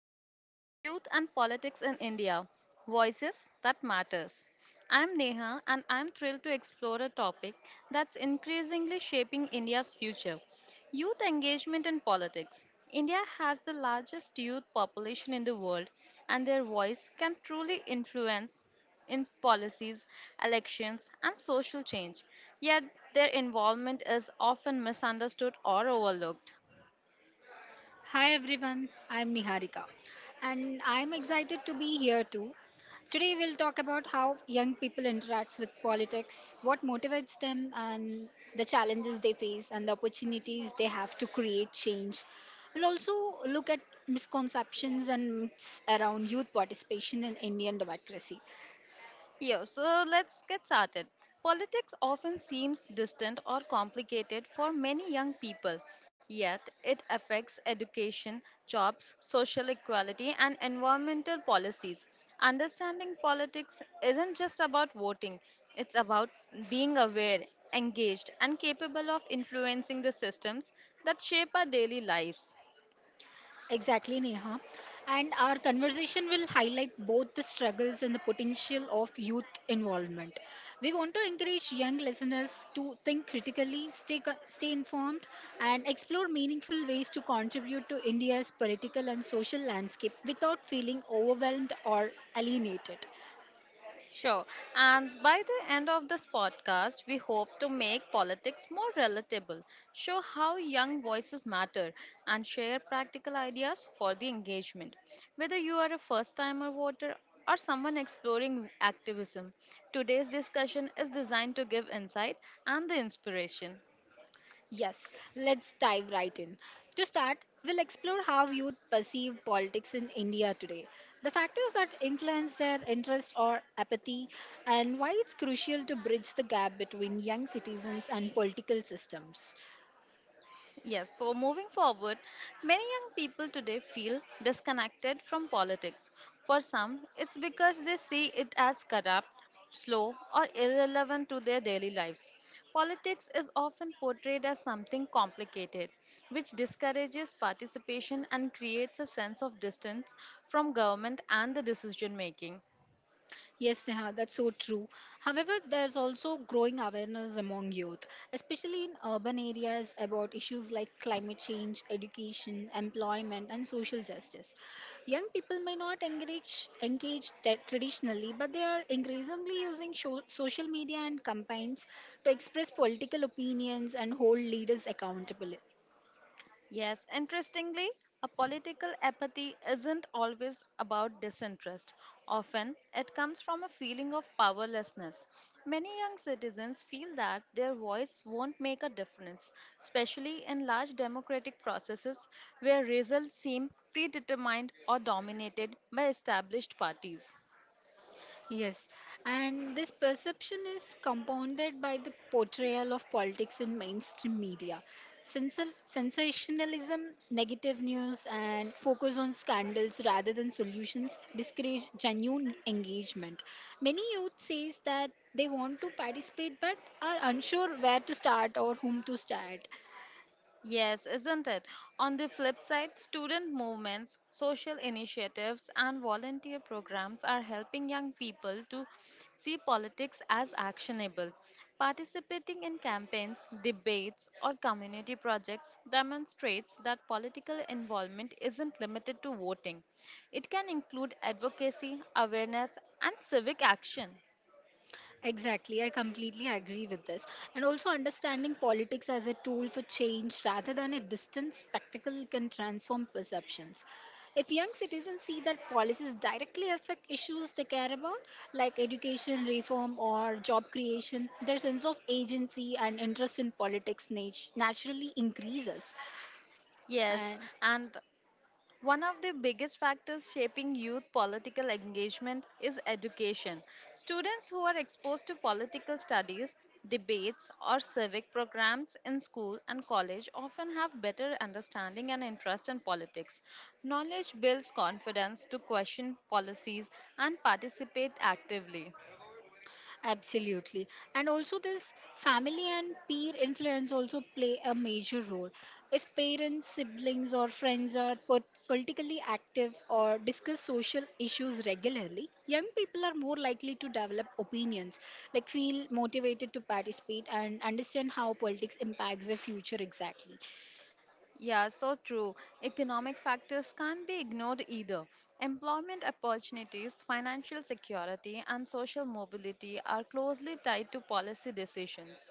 that is Youth and Politics in India, Voices That Matters. I'm Neha and I'm thrilled to explore a topic that's increasingly shaping India's future, youth engagement in politics. India has the largest youth population in the world, and their voice can truly influence in policies, elections, and social change. Yet, their involvement is often misunderstood or overlooked. Hi everyone, I'm Niharika and I'm excited to be here too. Today we'll talk about how young people interacts with politics, what motivates them and the challenges they face and the opportunities they have to create change. We'll also look at misconceptions and myths around youth participation in Indian democracy. Yeah, so let's get started. Politics often seems distant or complicated for many young people, yet it affects education, jobs, social equality, and environmental policies. Understanding politics isn't just about voting, it's about being aware, engaged, and capable of influencing the systems that shape our daily lives. Exactly, Neha. And our conversation will highlight both the struggles and the potential of youth involvement. We want to encourage young listeners to think critically, stay informed, and explore meaningful ways to contribute to India's political and social landscape without feeling overwhelmed or alienated. Sure. And by the end of this podcast, we hope to make politics more relatable, show how young voices matter, and share practical ideas for the engagement. Whether you are a first timer voter or someone exploring activism, today's discussion is designed to give insight and the inspiration. Yes, let's dive right in. To start, we'll explore how youth perceive politics in India today, the factors that influence their interest or apathy, and why it's crucial to bridge the gap between young citizens and political systems. Yes, so moving forward, many young people today feel disconnected from politics. For some, it's because they see it as corrupt, slow, or irrelevant to their daily lives. Politics is often portrayed as something complicated, which discourages participation and creates a sense of distance from government and the decision making. Yes, Neha, that's so true. However, there's also growing awareness among youth, especially in urban areas, about issues like climate change, education, employment, and social justice. Young people may not traditionally, but they are increasingly using social media and campaigns to express political opinions and hold leaders accountable. Yes, interestingly, a political apathy isn't always about disinterest. Often, it comes from a feeling of powerlessness. Many young citizens feel that their voice won't make a difference, especially in large democratic processes where results seem predetermined or dominated by established parties. Yes, and this perception is compounded by the portrayal of politics in mainstream media. Sensationalism, negative news, and focus on scandals rather than solutions discourage genuine engagement. Many youth says that they want to participate but are unsure where to start or whom to start. Yes, isn't it? On the flip side, student movements, social initiatives, and volunteer programs are helping young people to see politics as actionable. Participating in campaigns, debates, or community projects demonstrates that political involvement isn't limited to voting. It can include advocacy, awareness, and civic action. Exactly, I completely agree with this. And also, understanding politics as a tool for change rather than a distant spectacle can transform perceptions. If young citizens see that policies directly affect issues they care about, like education reform or job creation, their sense of agency and interest in politics naturally increases. Yes, And and one of the biggest factors shaping youth political engagement is education. Students who are exposed to political studies, debates, or civic programs in school and college often have better understanding and interest in politics. Knowledge builds confidence to question policies and participate actively. absolutely. And also, this family and peer influence also play a major role. If parents, siblings, or friends are put politically active or discuss social issues regularly, young people are more likely to develop opinions, like feel motivated to participate and understand how politics impacts their future exactly. Yeah, so true. Economic factors can't be ignored either. Employment opportunities, financial security, and social mobility are closely tied to policy decisions.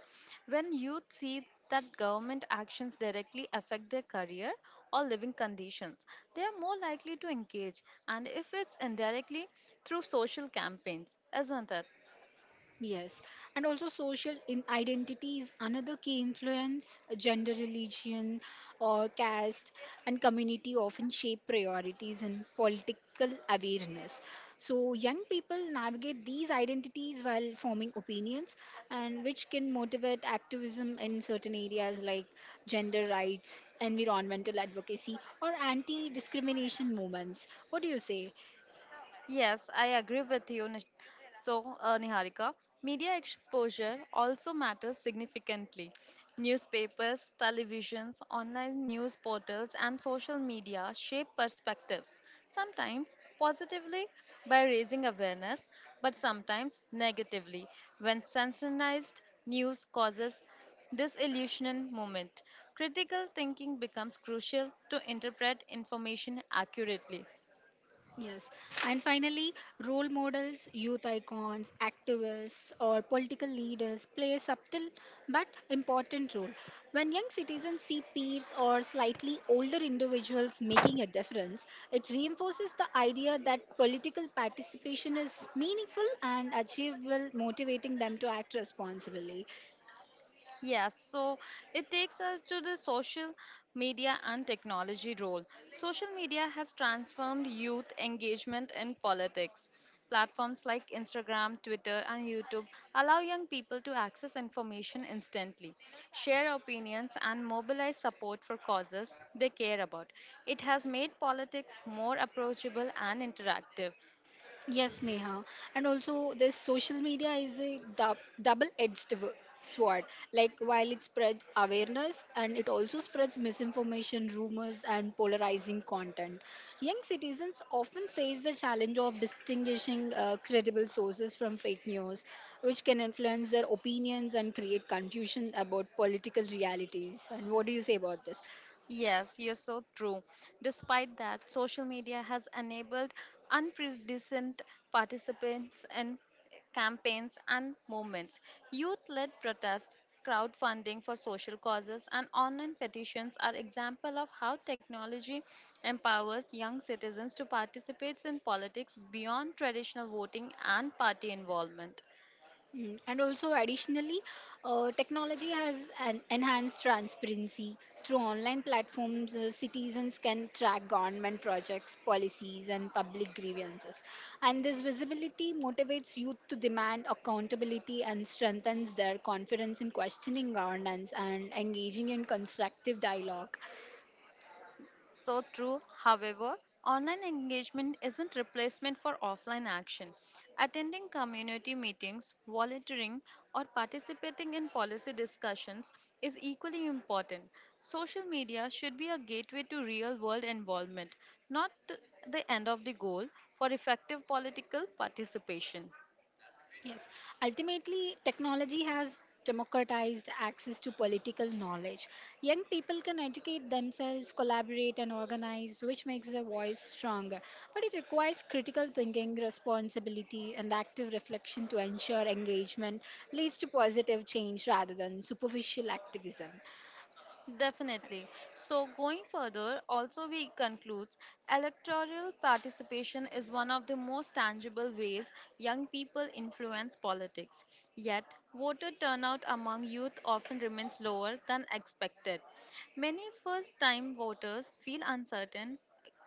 When youth see that government actions directly affect their career or living conditions, they are more likely to engage, and if it's indirectly, through social campaigns, isn't it? Yes, and also social in identity is another key influence. Gender, religion, or caste and community often shape priorities and political awareness. So, young people navigate these identities while forming opinions, and which can motivate activism in certain areas like gender rights, environmental advocacy, or anti discrimination movements. What do you say? Yes, I agree with you. So, Niharika, media exposure also matters significantly. Newspapers, televisions, online news portals, and social media shape perspectives, sometimes positively by raising awareness, but sometimes negatively when sensationalized news causes disillusionment moment. Critical thinking becomes crucial to interpret information accurately. Yes. And finally, role models, youth icons, activists, or political leaders play a subtle but important role. When young citizens see peers or slightly older individuals making a difference, it reinforces the idea that political participation is meaningful and achievable, motivating them to act responsibly. Yes, so it takes us to the social media and technology role. Social media has transformed youth engagement in politics. Platforms like Instagram, Twitter, and YouTube allow young people to access information instantly, share opinions, and mobilize support for causes they care about. It has made politics more approachable and interactive. Yes, Neha. And also, this social media is a double edged sword. Like, while it spreads awareness and it also spreads misinformation, rumors, and polarizing content. Young citizens often face the challenge of distinguishing credible sources from fake news, which can influence their opinions and create confusion about political realities. And what do you say about this? Yes, you're so true. Despite that, social media has enabled unprecedented participants in campaigns and movements. Youth led protests, crowdfunding for social causes, and online petitions are examples of how technology empowers young citizens to participate in politics beyond traditional voting and party involvement. Mm, and also, additionally, technology has an enhanced transparency through online platforms. Citizens can track government projects, policies, and public grievances. And this visibility motivates youth to demand accountability and strengthens their confidence in questioning governance and engaging in constructive dialogue. So true. However, online engagement isn't replacement for offline action. Attending community meetings, volunteering, or participating in policy discussions is equally important. Social media should be a gateway to real-world involvement, not the end of the goal for effective political participation. Yes, ultimately, technology has democratized access to political knowledge. Young people can educate themselves, collaborate, and organize, which makes their voice stronger. But it requires critical thinking, responsibility, and active reflection to ensure engagement leads to positive change rather than superficial activism. Definitely. So, going further, also we concludes electoral participation is one of the most tangible ways young people influence politics. Yet, voter turnout among youth often remains lower than expected. Many first time voters feel uncertain,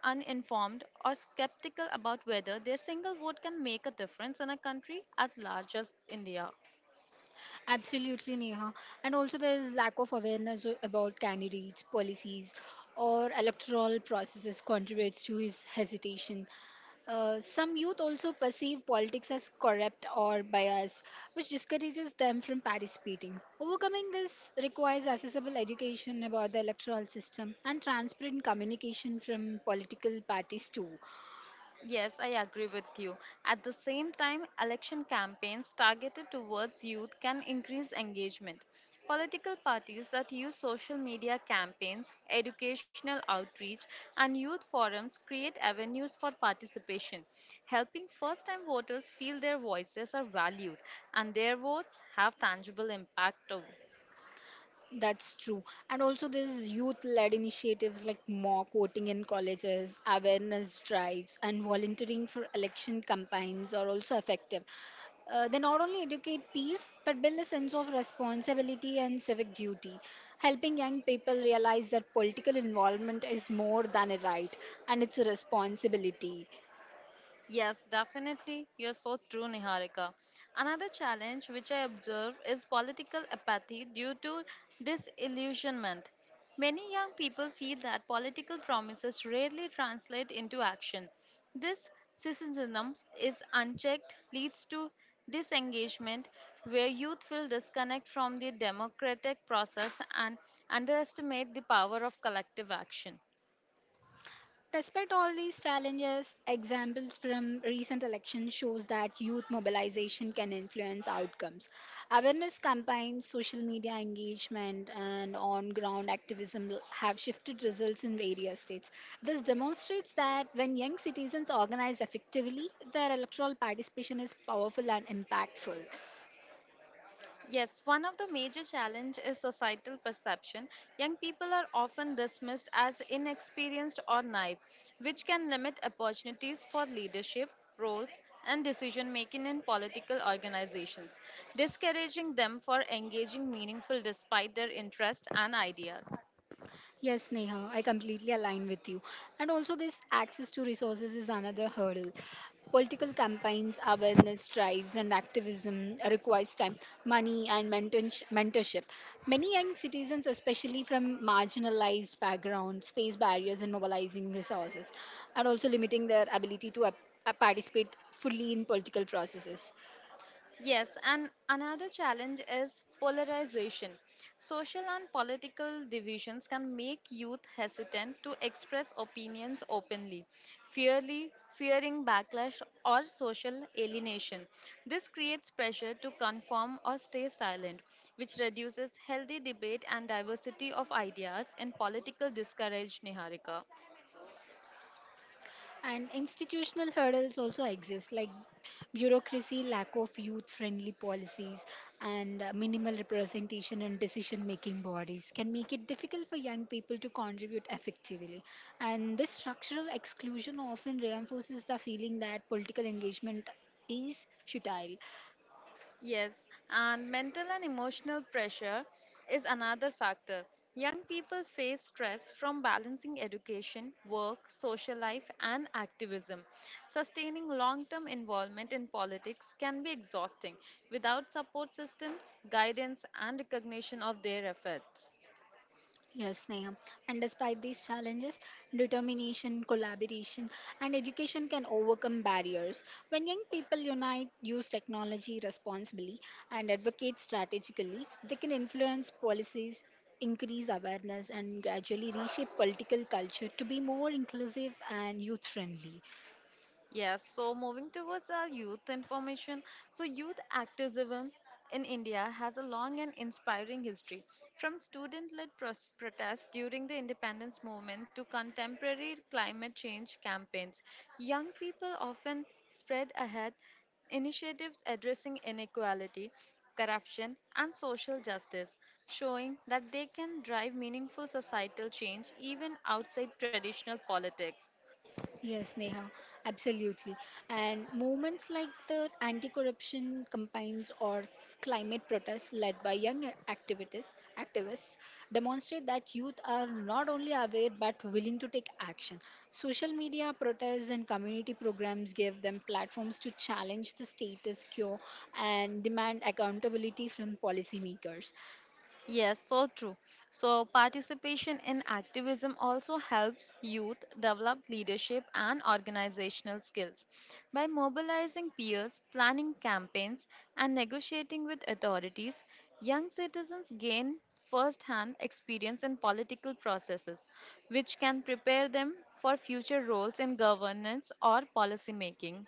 uninformed, or skeptical about whether their single vote can make a difference in a country as large as India. Absolutely, Neha. And also, there is lack of awareness about candidates' policies or electoral processes contributes to his hesitation. Some youth also perceive politics as corrupt or biased, which discourages them from participating. Overcoming this requires accessible education about the electoral system and transparent communication from political parties, too. Yes, I agree with you. At the same time, election campaigns targeted towards youth can increase engagement. Political parties that use social media campaigns, educational outreach, and youth forums create avenues for participation, helping first time voters feel their voices are valued and their votes have tangible impact too. That's true. And also, there's youth led initiatives like mock voting in colleges, awareness drives, and volunteering for election campaigns are also effective. They not only educate peers but build a sense of responsibility and civic duty, helping young people realize that political involvement is more than a right and it's a responsibility. Yes, definitely. You're so true, Niharika. Another challenge which I observe is political apathy due to disillusionment. Many young people feel that political promises rarely translate into action. This cynicism is unchecked, leads to disengagement, where youth will disconnect from the democratic process and underestimate the power of collective action. Despite all these challenges, examples from recent elections shows that youth mobilization can influence outcomes. Awareness campaigns, social media engagement, and on-ground activism have shifted results in various states. This demonstrates that when young citizens organize effectively, their electoral participation is powerful and impactful. Yes, one of the major challenge is societal perception. Young people are often dismissed as inexperienced or naive, which can limit opportunities for leadership roles and decision making in political organizations, discouraging them for engaging meaningful despite their interest and ideas. Yes, Neha, I completely align with you. And also, this access to resources is another hurdle. Political campaigns, awareness drives, and activism requires time, money, and mentorship. Many young citizens, especially from marginalized backgrounds, face barriers in mobilizing resources and also limiting their ability to participate fully in political processes. Yes, and another challenge is polarization. Social and political divisions can make youth hesitant to express opinions openly, fearly, fearing backlash or social alienation. This creates pressure to conform or stay silent, which reduces healthy debate and diversity of ideas in political discourage, Niharika. And institutional hurdles also exist, like bureaucracy, lack of youth friendly policies, and minimal representation in decision making bodies can make it difficult for young people to contribute effectively. And this structural exclusion often reinforces the feeling that political engagement is futile. Yes, and mental and emotional pressure is another factor. Young people face stress from balancing education, work, social life, and activism. Sustaining long term involvement in politics can be exhausting without support systems, guidance, and recognition of their efforts. Yes, Neha. And despite these challenges, determination, collaboration, and education can overcome barriers. When young people unite, use technology responsibly, and advocate strategically, they can influence policies, increase awareness, and gradually reshape political culture to be more inclusive and youth friendly. Yes, so moving towards our youth information. So, youth activism in India has a long and inspiring history. From student led protests during the independence movement to contemporary climate change campaigns, young people often spread ahead initiatives addressing inequality, corruption, and social justice, showing that they can drive meaningful societal change even outside traditional politics. Yes, Neha, absolutely. And movements like the anti corruption campaigns or climate protests led by young activists demonstrate that youth are not only aware but willing to take action. Social media protests and community programs give them platforms to challenge the status quo and demand accountability from policymakers. Yes, so true. So, participation in activism also helps youth develop leadership and organizational skills. By mobilizing peers, planning campaigns, and negotiating with authorities, young citizens gain first hand experience in political processes, which can prepare them for future roles in governance or policy making.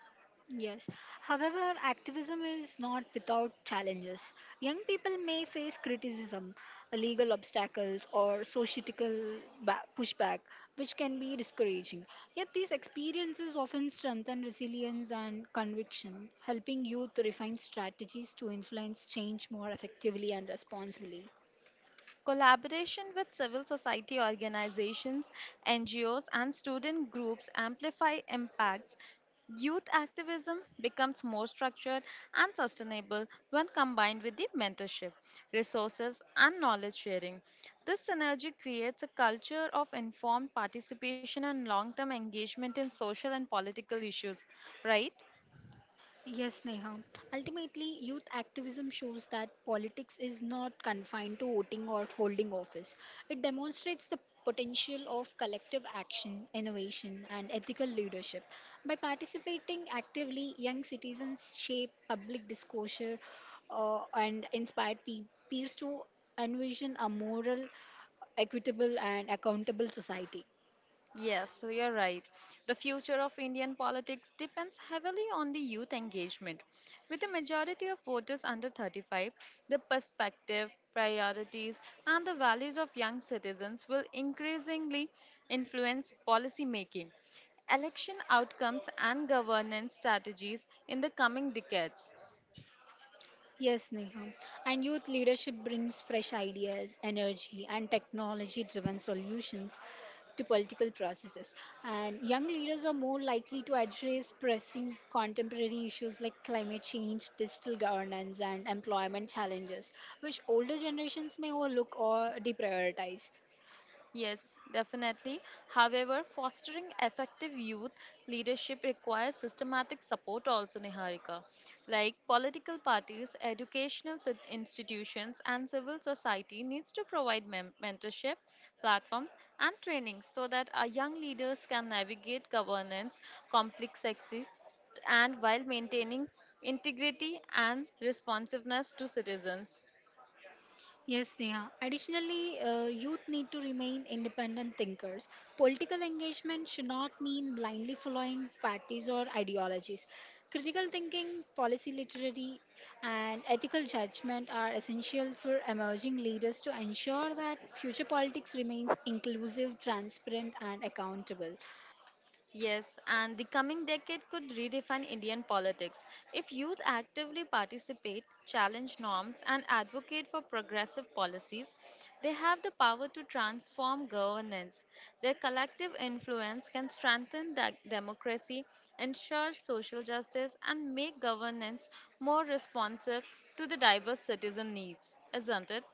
Yes. However, activism is not without challenges. Young people may face criticism, legal obstacles, or societal pushback, which can be discouraging. Yet, these experiences often strengthen resilience and conviction, helping youth refine strategies to influence change more effectively and responsibly. Collaboration with civil society organizations, NGOs, and student groups amplify impacts. Youth activism becomes more structured and sustainable when combined with the mentorship, resources, and knowledge sharing. This synergy creates a culture of informed participation and long term engagement in social and political issues, right? Yes, Neha. Ultimately, youth activism shows that politics is not confined to voting or holding office. It demonstrates the potential of collective action, innovation, and ethical leadership. By participating actively, young citizens shape public discourse and inspire peers to envision a moral, equitable, and accountable society. Yes, so you're right. The future of Indian politics depends heavily on the youth engagement. With the majority of voters under 35, the perspective, priorities, and the values of young citizens will increasingly influence policy making, election outcomes, and governance strategies in the coming decades. Yes, Neha. And youth leadership brings fresh ideas, energy, and technology driven solutions to political processes. And young leaders are more likely to address pressing contemporary issues like climate change, digital governance, and employment challenges, which older generations may overlook or deprioritize. Yes, definitely. However, fostering effective youth leadership requires systematic support also, Niharika. Like political parties, institutions, and civil society needs to provide mentorship, platforms, and training so that our young leaders can navigate governance, complexity, and while maintaining integrity and responsiveness to citizens. Yes, Neha. Additionally, youth need to remain independent thinkers. Political engagement should not mean blindly following parties or ideologies. Critical thinking, policy literacy, and ethical judgment are essential for emerging leaders to ensure that future politics remains inclusive, transparent, and accountable. Yes, and the coming decade could redefine Indian politics. If youth actively participate, challenge norms, and advocate for progressive policies, they have the power to transform governance. Their collective influence can strengthen democracy, ensure social justice, and make governance more responsive to the diverse citizen needs, isn't it?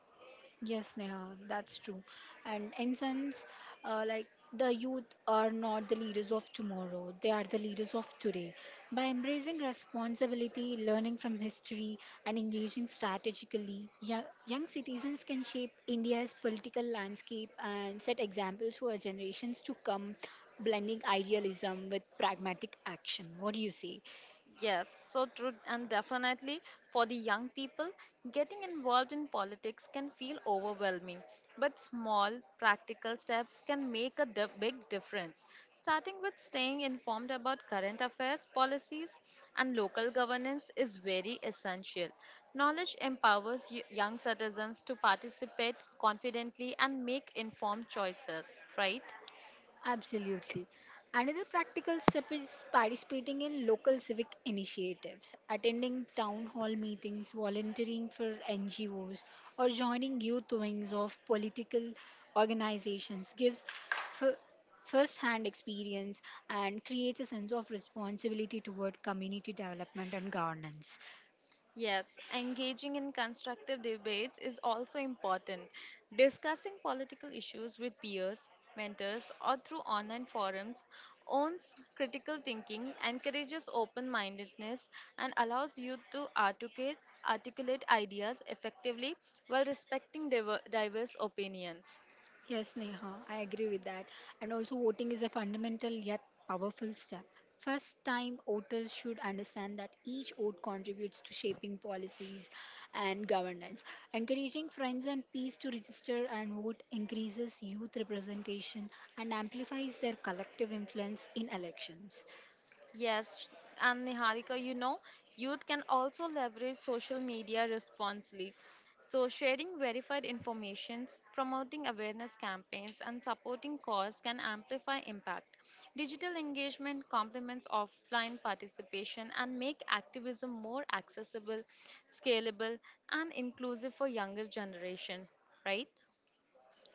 Yes, Neha, that's true. And in sense, like the youth are not the leaders of tomorrow; they are the leaders of today. By embracing responsibility, learning from history, and engaging strategically, young citizens can shape India's political landscape and set examples for generations to come, blending idealism with pragmatic action. What do you say? Yes, so true, and definitely for the young people, getting involved in politics can feel overwhelming, but small, practical steps can make a big difference. Starting with staying informed about current affairs, policies, and local governance is very essential. Knowledge empowers young citizens to participate confidently and make informed choices, right? Absolutely. Another practical step is participating in local civic initiatives, attending town hall meetings, volunteering for NGOs, or joining youth wings of political organizations gives f- first hand experience and creates a sense of responsibility toward community development and governance. Yes, engaging in constructive debates is also important. Discussing political issues with peers, mentors, or through online forums owns critical thinking, encourages open mindedness, and allows youth to articulate ideas effectively while respecting diverse opinions. Yes, Neha, I agree with that. And also, voting is a fundamental yet powerful step. First time voters should understand that each vote contributes to shaping policies and governance. Encouraging friends and peers to register and vote increases youth representation and amplifies their collective influence in elections. Yes, and Niharika, you know, youth can also leverage social media responsibly. So, sharing verified informations, promoting awareness campaigns, and supporting cause can amplify impact. Digital engagement complements offline participation and make activism more accessible, scalable, and inclusive for younger generation, right?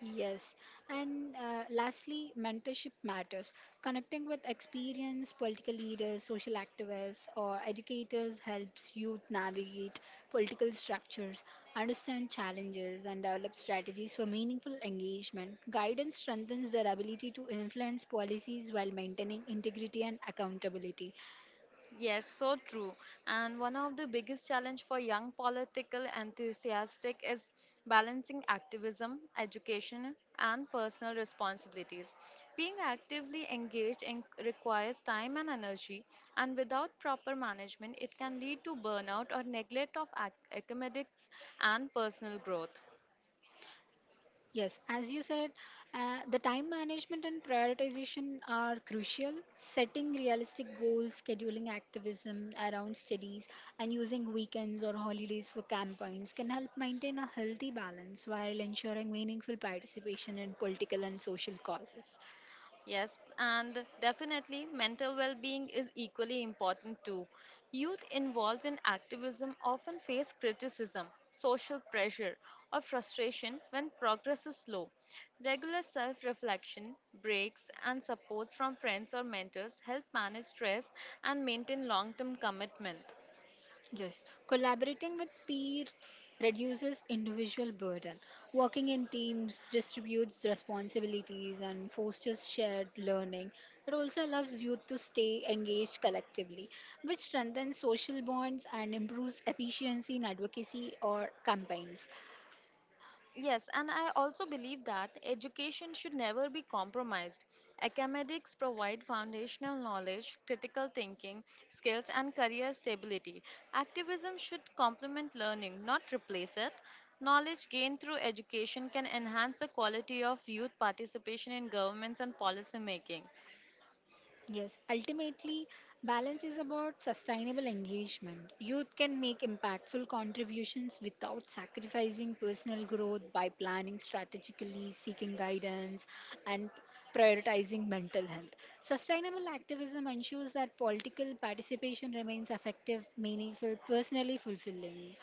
Yes, and lastly, mentorship matters. Connecting with experienced political leaders, social activists, or educators helps youth navigate political structures, understand challenges, and develop strategies for meaningful engagement. Guidance strengthens their ability to influence policies while maintaining integrity and accountability. Yes, so true. And one of the biggest challenge for young political enthusiastic is balancing activism, education, and personal responsibilities. Being actively engaged in requires time and energy, and without proper management, it can lead to burnout or neglect of academics and personal growth. Yes, as you said, the time management and prioritization are crucial. Setting realistic goals, scheduling activism around studies, and using weekends or holidays for campaigns can help maintain a healthy balance while ensuring meaningful participation in political and social causes. Yes, and definitely mental well being is equally important too. Youth involved in activism often face criticism, social pressure, or frustration when progress is slow. Regular self reflection, breaks, and supports from friends or mentors help manage stress and maintain long term commitment. Yes, collaborating with peers reduces individual burden. Working in teams distributes responsibilities and fosters shared learning. It also allows youth to stay engaged collectively, which strengthens social bonds and improves efficiency in advocacy or campaigns. Yes, and I also believe that education should never be compromised. Academics provide foundational knowledge, critical thinking, skills, and career stability. Activism should complement learning, not replace it. Knowledge gained through education can enhance the quality of youth participation in governments and policy making. Yes, ultimately, balance is about sustainable engagement. Youth can make impactful contributions without sacrificing personal growth by planning strategically, seeking guidance, and prioritizing mental health. Sustainable activism ensures that political participation remains effective, meaningful, personally fulfilling.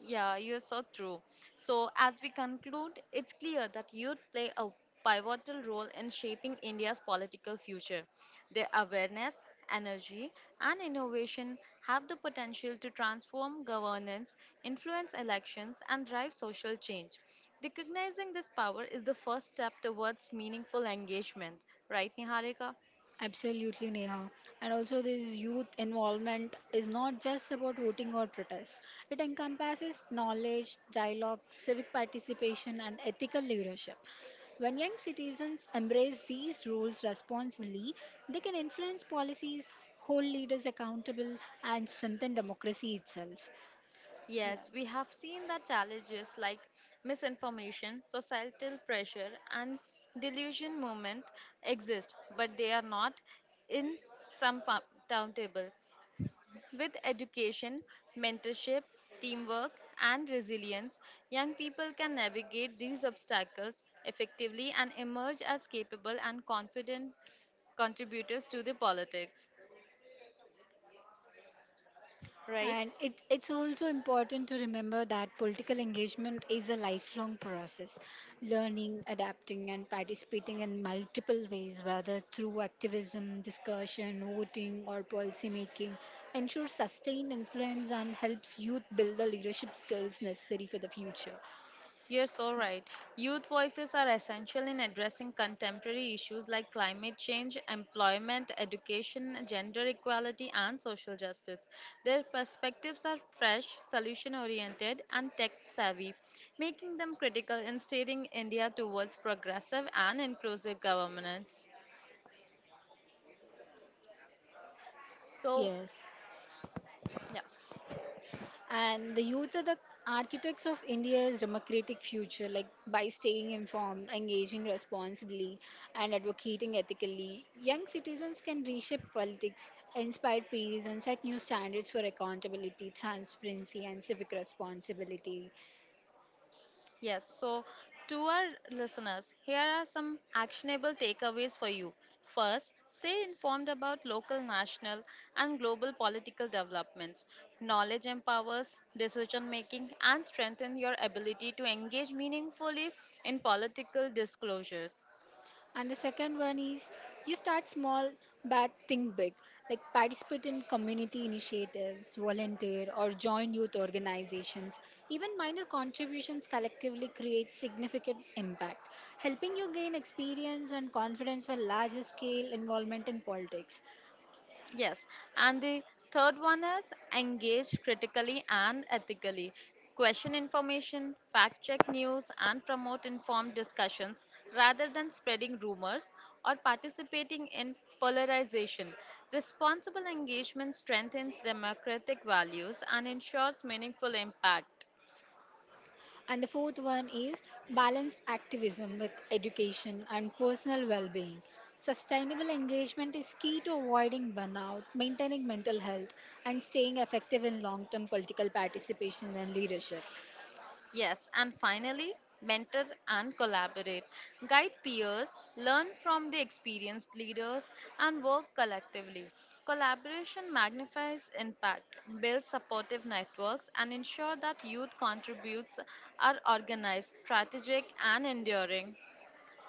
Yeah, you're so true. So, as we conclude, it's clear that youth play a pivotal role in shaping India's political future. Their awareness, energy, and innovation have the potential to transform governance, influence elections, and drive social change. Recognizing this power is the first step towards meaningful engagement, right, Niharika? Absolutely, Neha. And also, this youth involvement is not just about voting or protests. It encompasses knowledge, dialogue, civic participation, and ethical leadership. When young citizens embrace these roles responsibly, they can influence policies, hold leaders accountable, and strengthen democracy itself. Yeah. Yes, we have seen the challenges like misinformation, societal pressure, and delusion movement exist, but they are not insurmountable. With education, mentorship, teamwork, and resilience, young people can navigate these obstacles effectively and emerge as capable and confident contributors to the politics. Right? And it's also important to remember that political engagement is a lifelong process, learning, adapting, and participating in multiple ways, whether through activism, discussion, voting, or policy making, ensures sustained influence and helps youth build the leadership skills necessary for the future. You're so right. Youth voices are essential in addressing contemporary issues like climate change, employment, education, gender equality, and social justice. Their perspectives are fresh, solution oriented, and tech savvy, making them critical in steering India towards progressive and inclusive governance. So, Yes. yes. And the youth are the architects of India's democratic future, like by staying informed, engaging responsibly, and advocating ethically. Young citizens can reshape politics, inspire peace, and set new standards for accountability, transparency, and civic responsibility. Yes, so to our listeners, here are some actionable takeaways for you. First, stay informed about local, national, and global political developments. Knowledge empowers decision making and strengthens your ability to engage meaningfully in political disclosures. And the second one is you start small but think big, like participate in community initiatives, volunteer, or join youth organizations. Even minor contributions collectively create significant impact, helping you gain experience and confidence for larger scale involvement in politics. Yes, and the third one is engage critically and ethically. Question information, fact check news, and promote informed discussions rather than spreading rumors or participating in polarization. Responsible engagement strengthens democratic values and ensures meaningful impact. And the fourth one is balance activism with education and personal well being. Sustainable engagement is key to avoiding burnout, maintaining mental health, and staying effective in long term political participation and leadership. Yes, and finally, mentor and collaborate. Guide peers, learn from the experienced leaders, and work collectively. Collaboration magnifies impact, builds supportive networks, and ensure that youth contributes are organized, strategic, and enduring.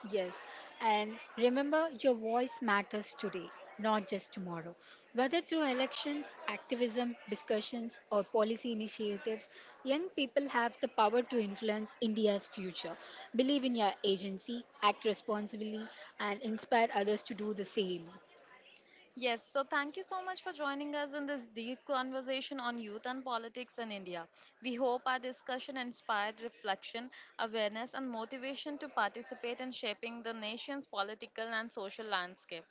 Yes, and remember your voice matters today, not just tomorrow. Whether through elections, activism, discussions, or policy initiatives, young people have the power to influence India's future. Believe in your agency, act responsibly, and inspire others to do the same. Yes, so thank you so much for joining us in this deep conversation on youth and politics in India. We hope our discussion inspired reflection, awareness, and motivation to participate in shaping the nation's political and social landscape.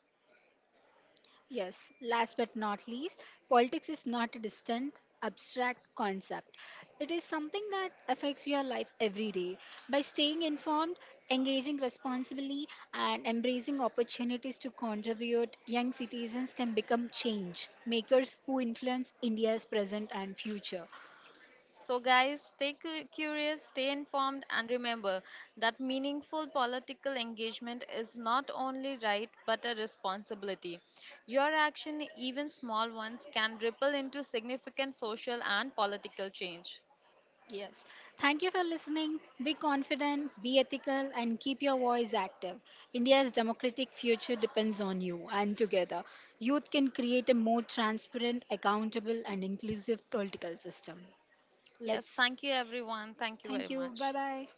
Yes, last but not least, politics is not a distant, abstract concept. It is something that affects your life every day. By staying informed, engaging responsibly, and embracing opportunities to contribute, young citizens can become change makers who influence India's present and future. So, guys, curious, stay informed, and remember that meaningful political engagement is not only right but a responsibility. Your action, even small ones, can ripple into significant social and political change. Yes. Thank you for listening. Be confident, be ethical, and keep your voice active. India's democratic future depends on you, and together, youth can create a more transparent, accountable, and inclusive political system. Yes, Let's. thank you everyone. Thank you very Thank you. Bye much. bye.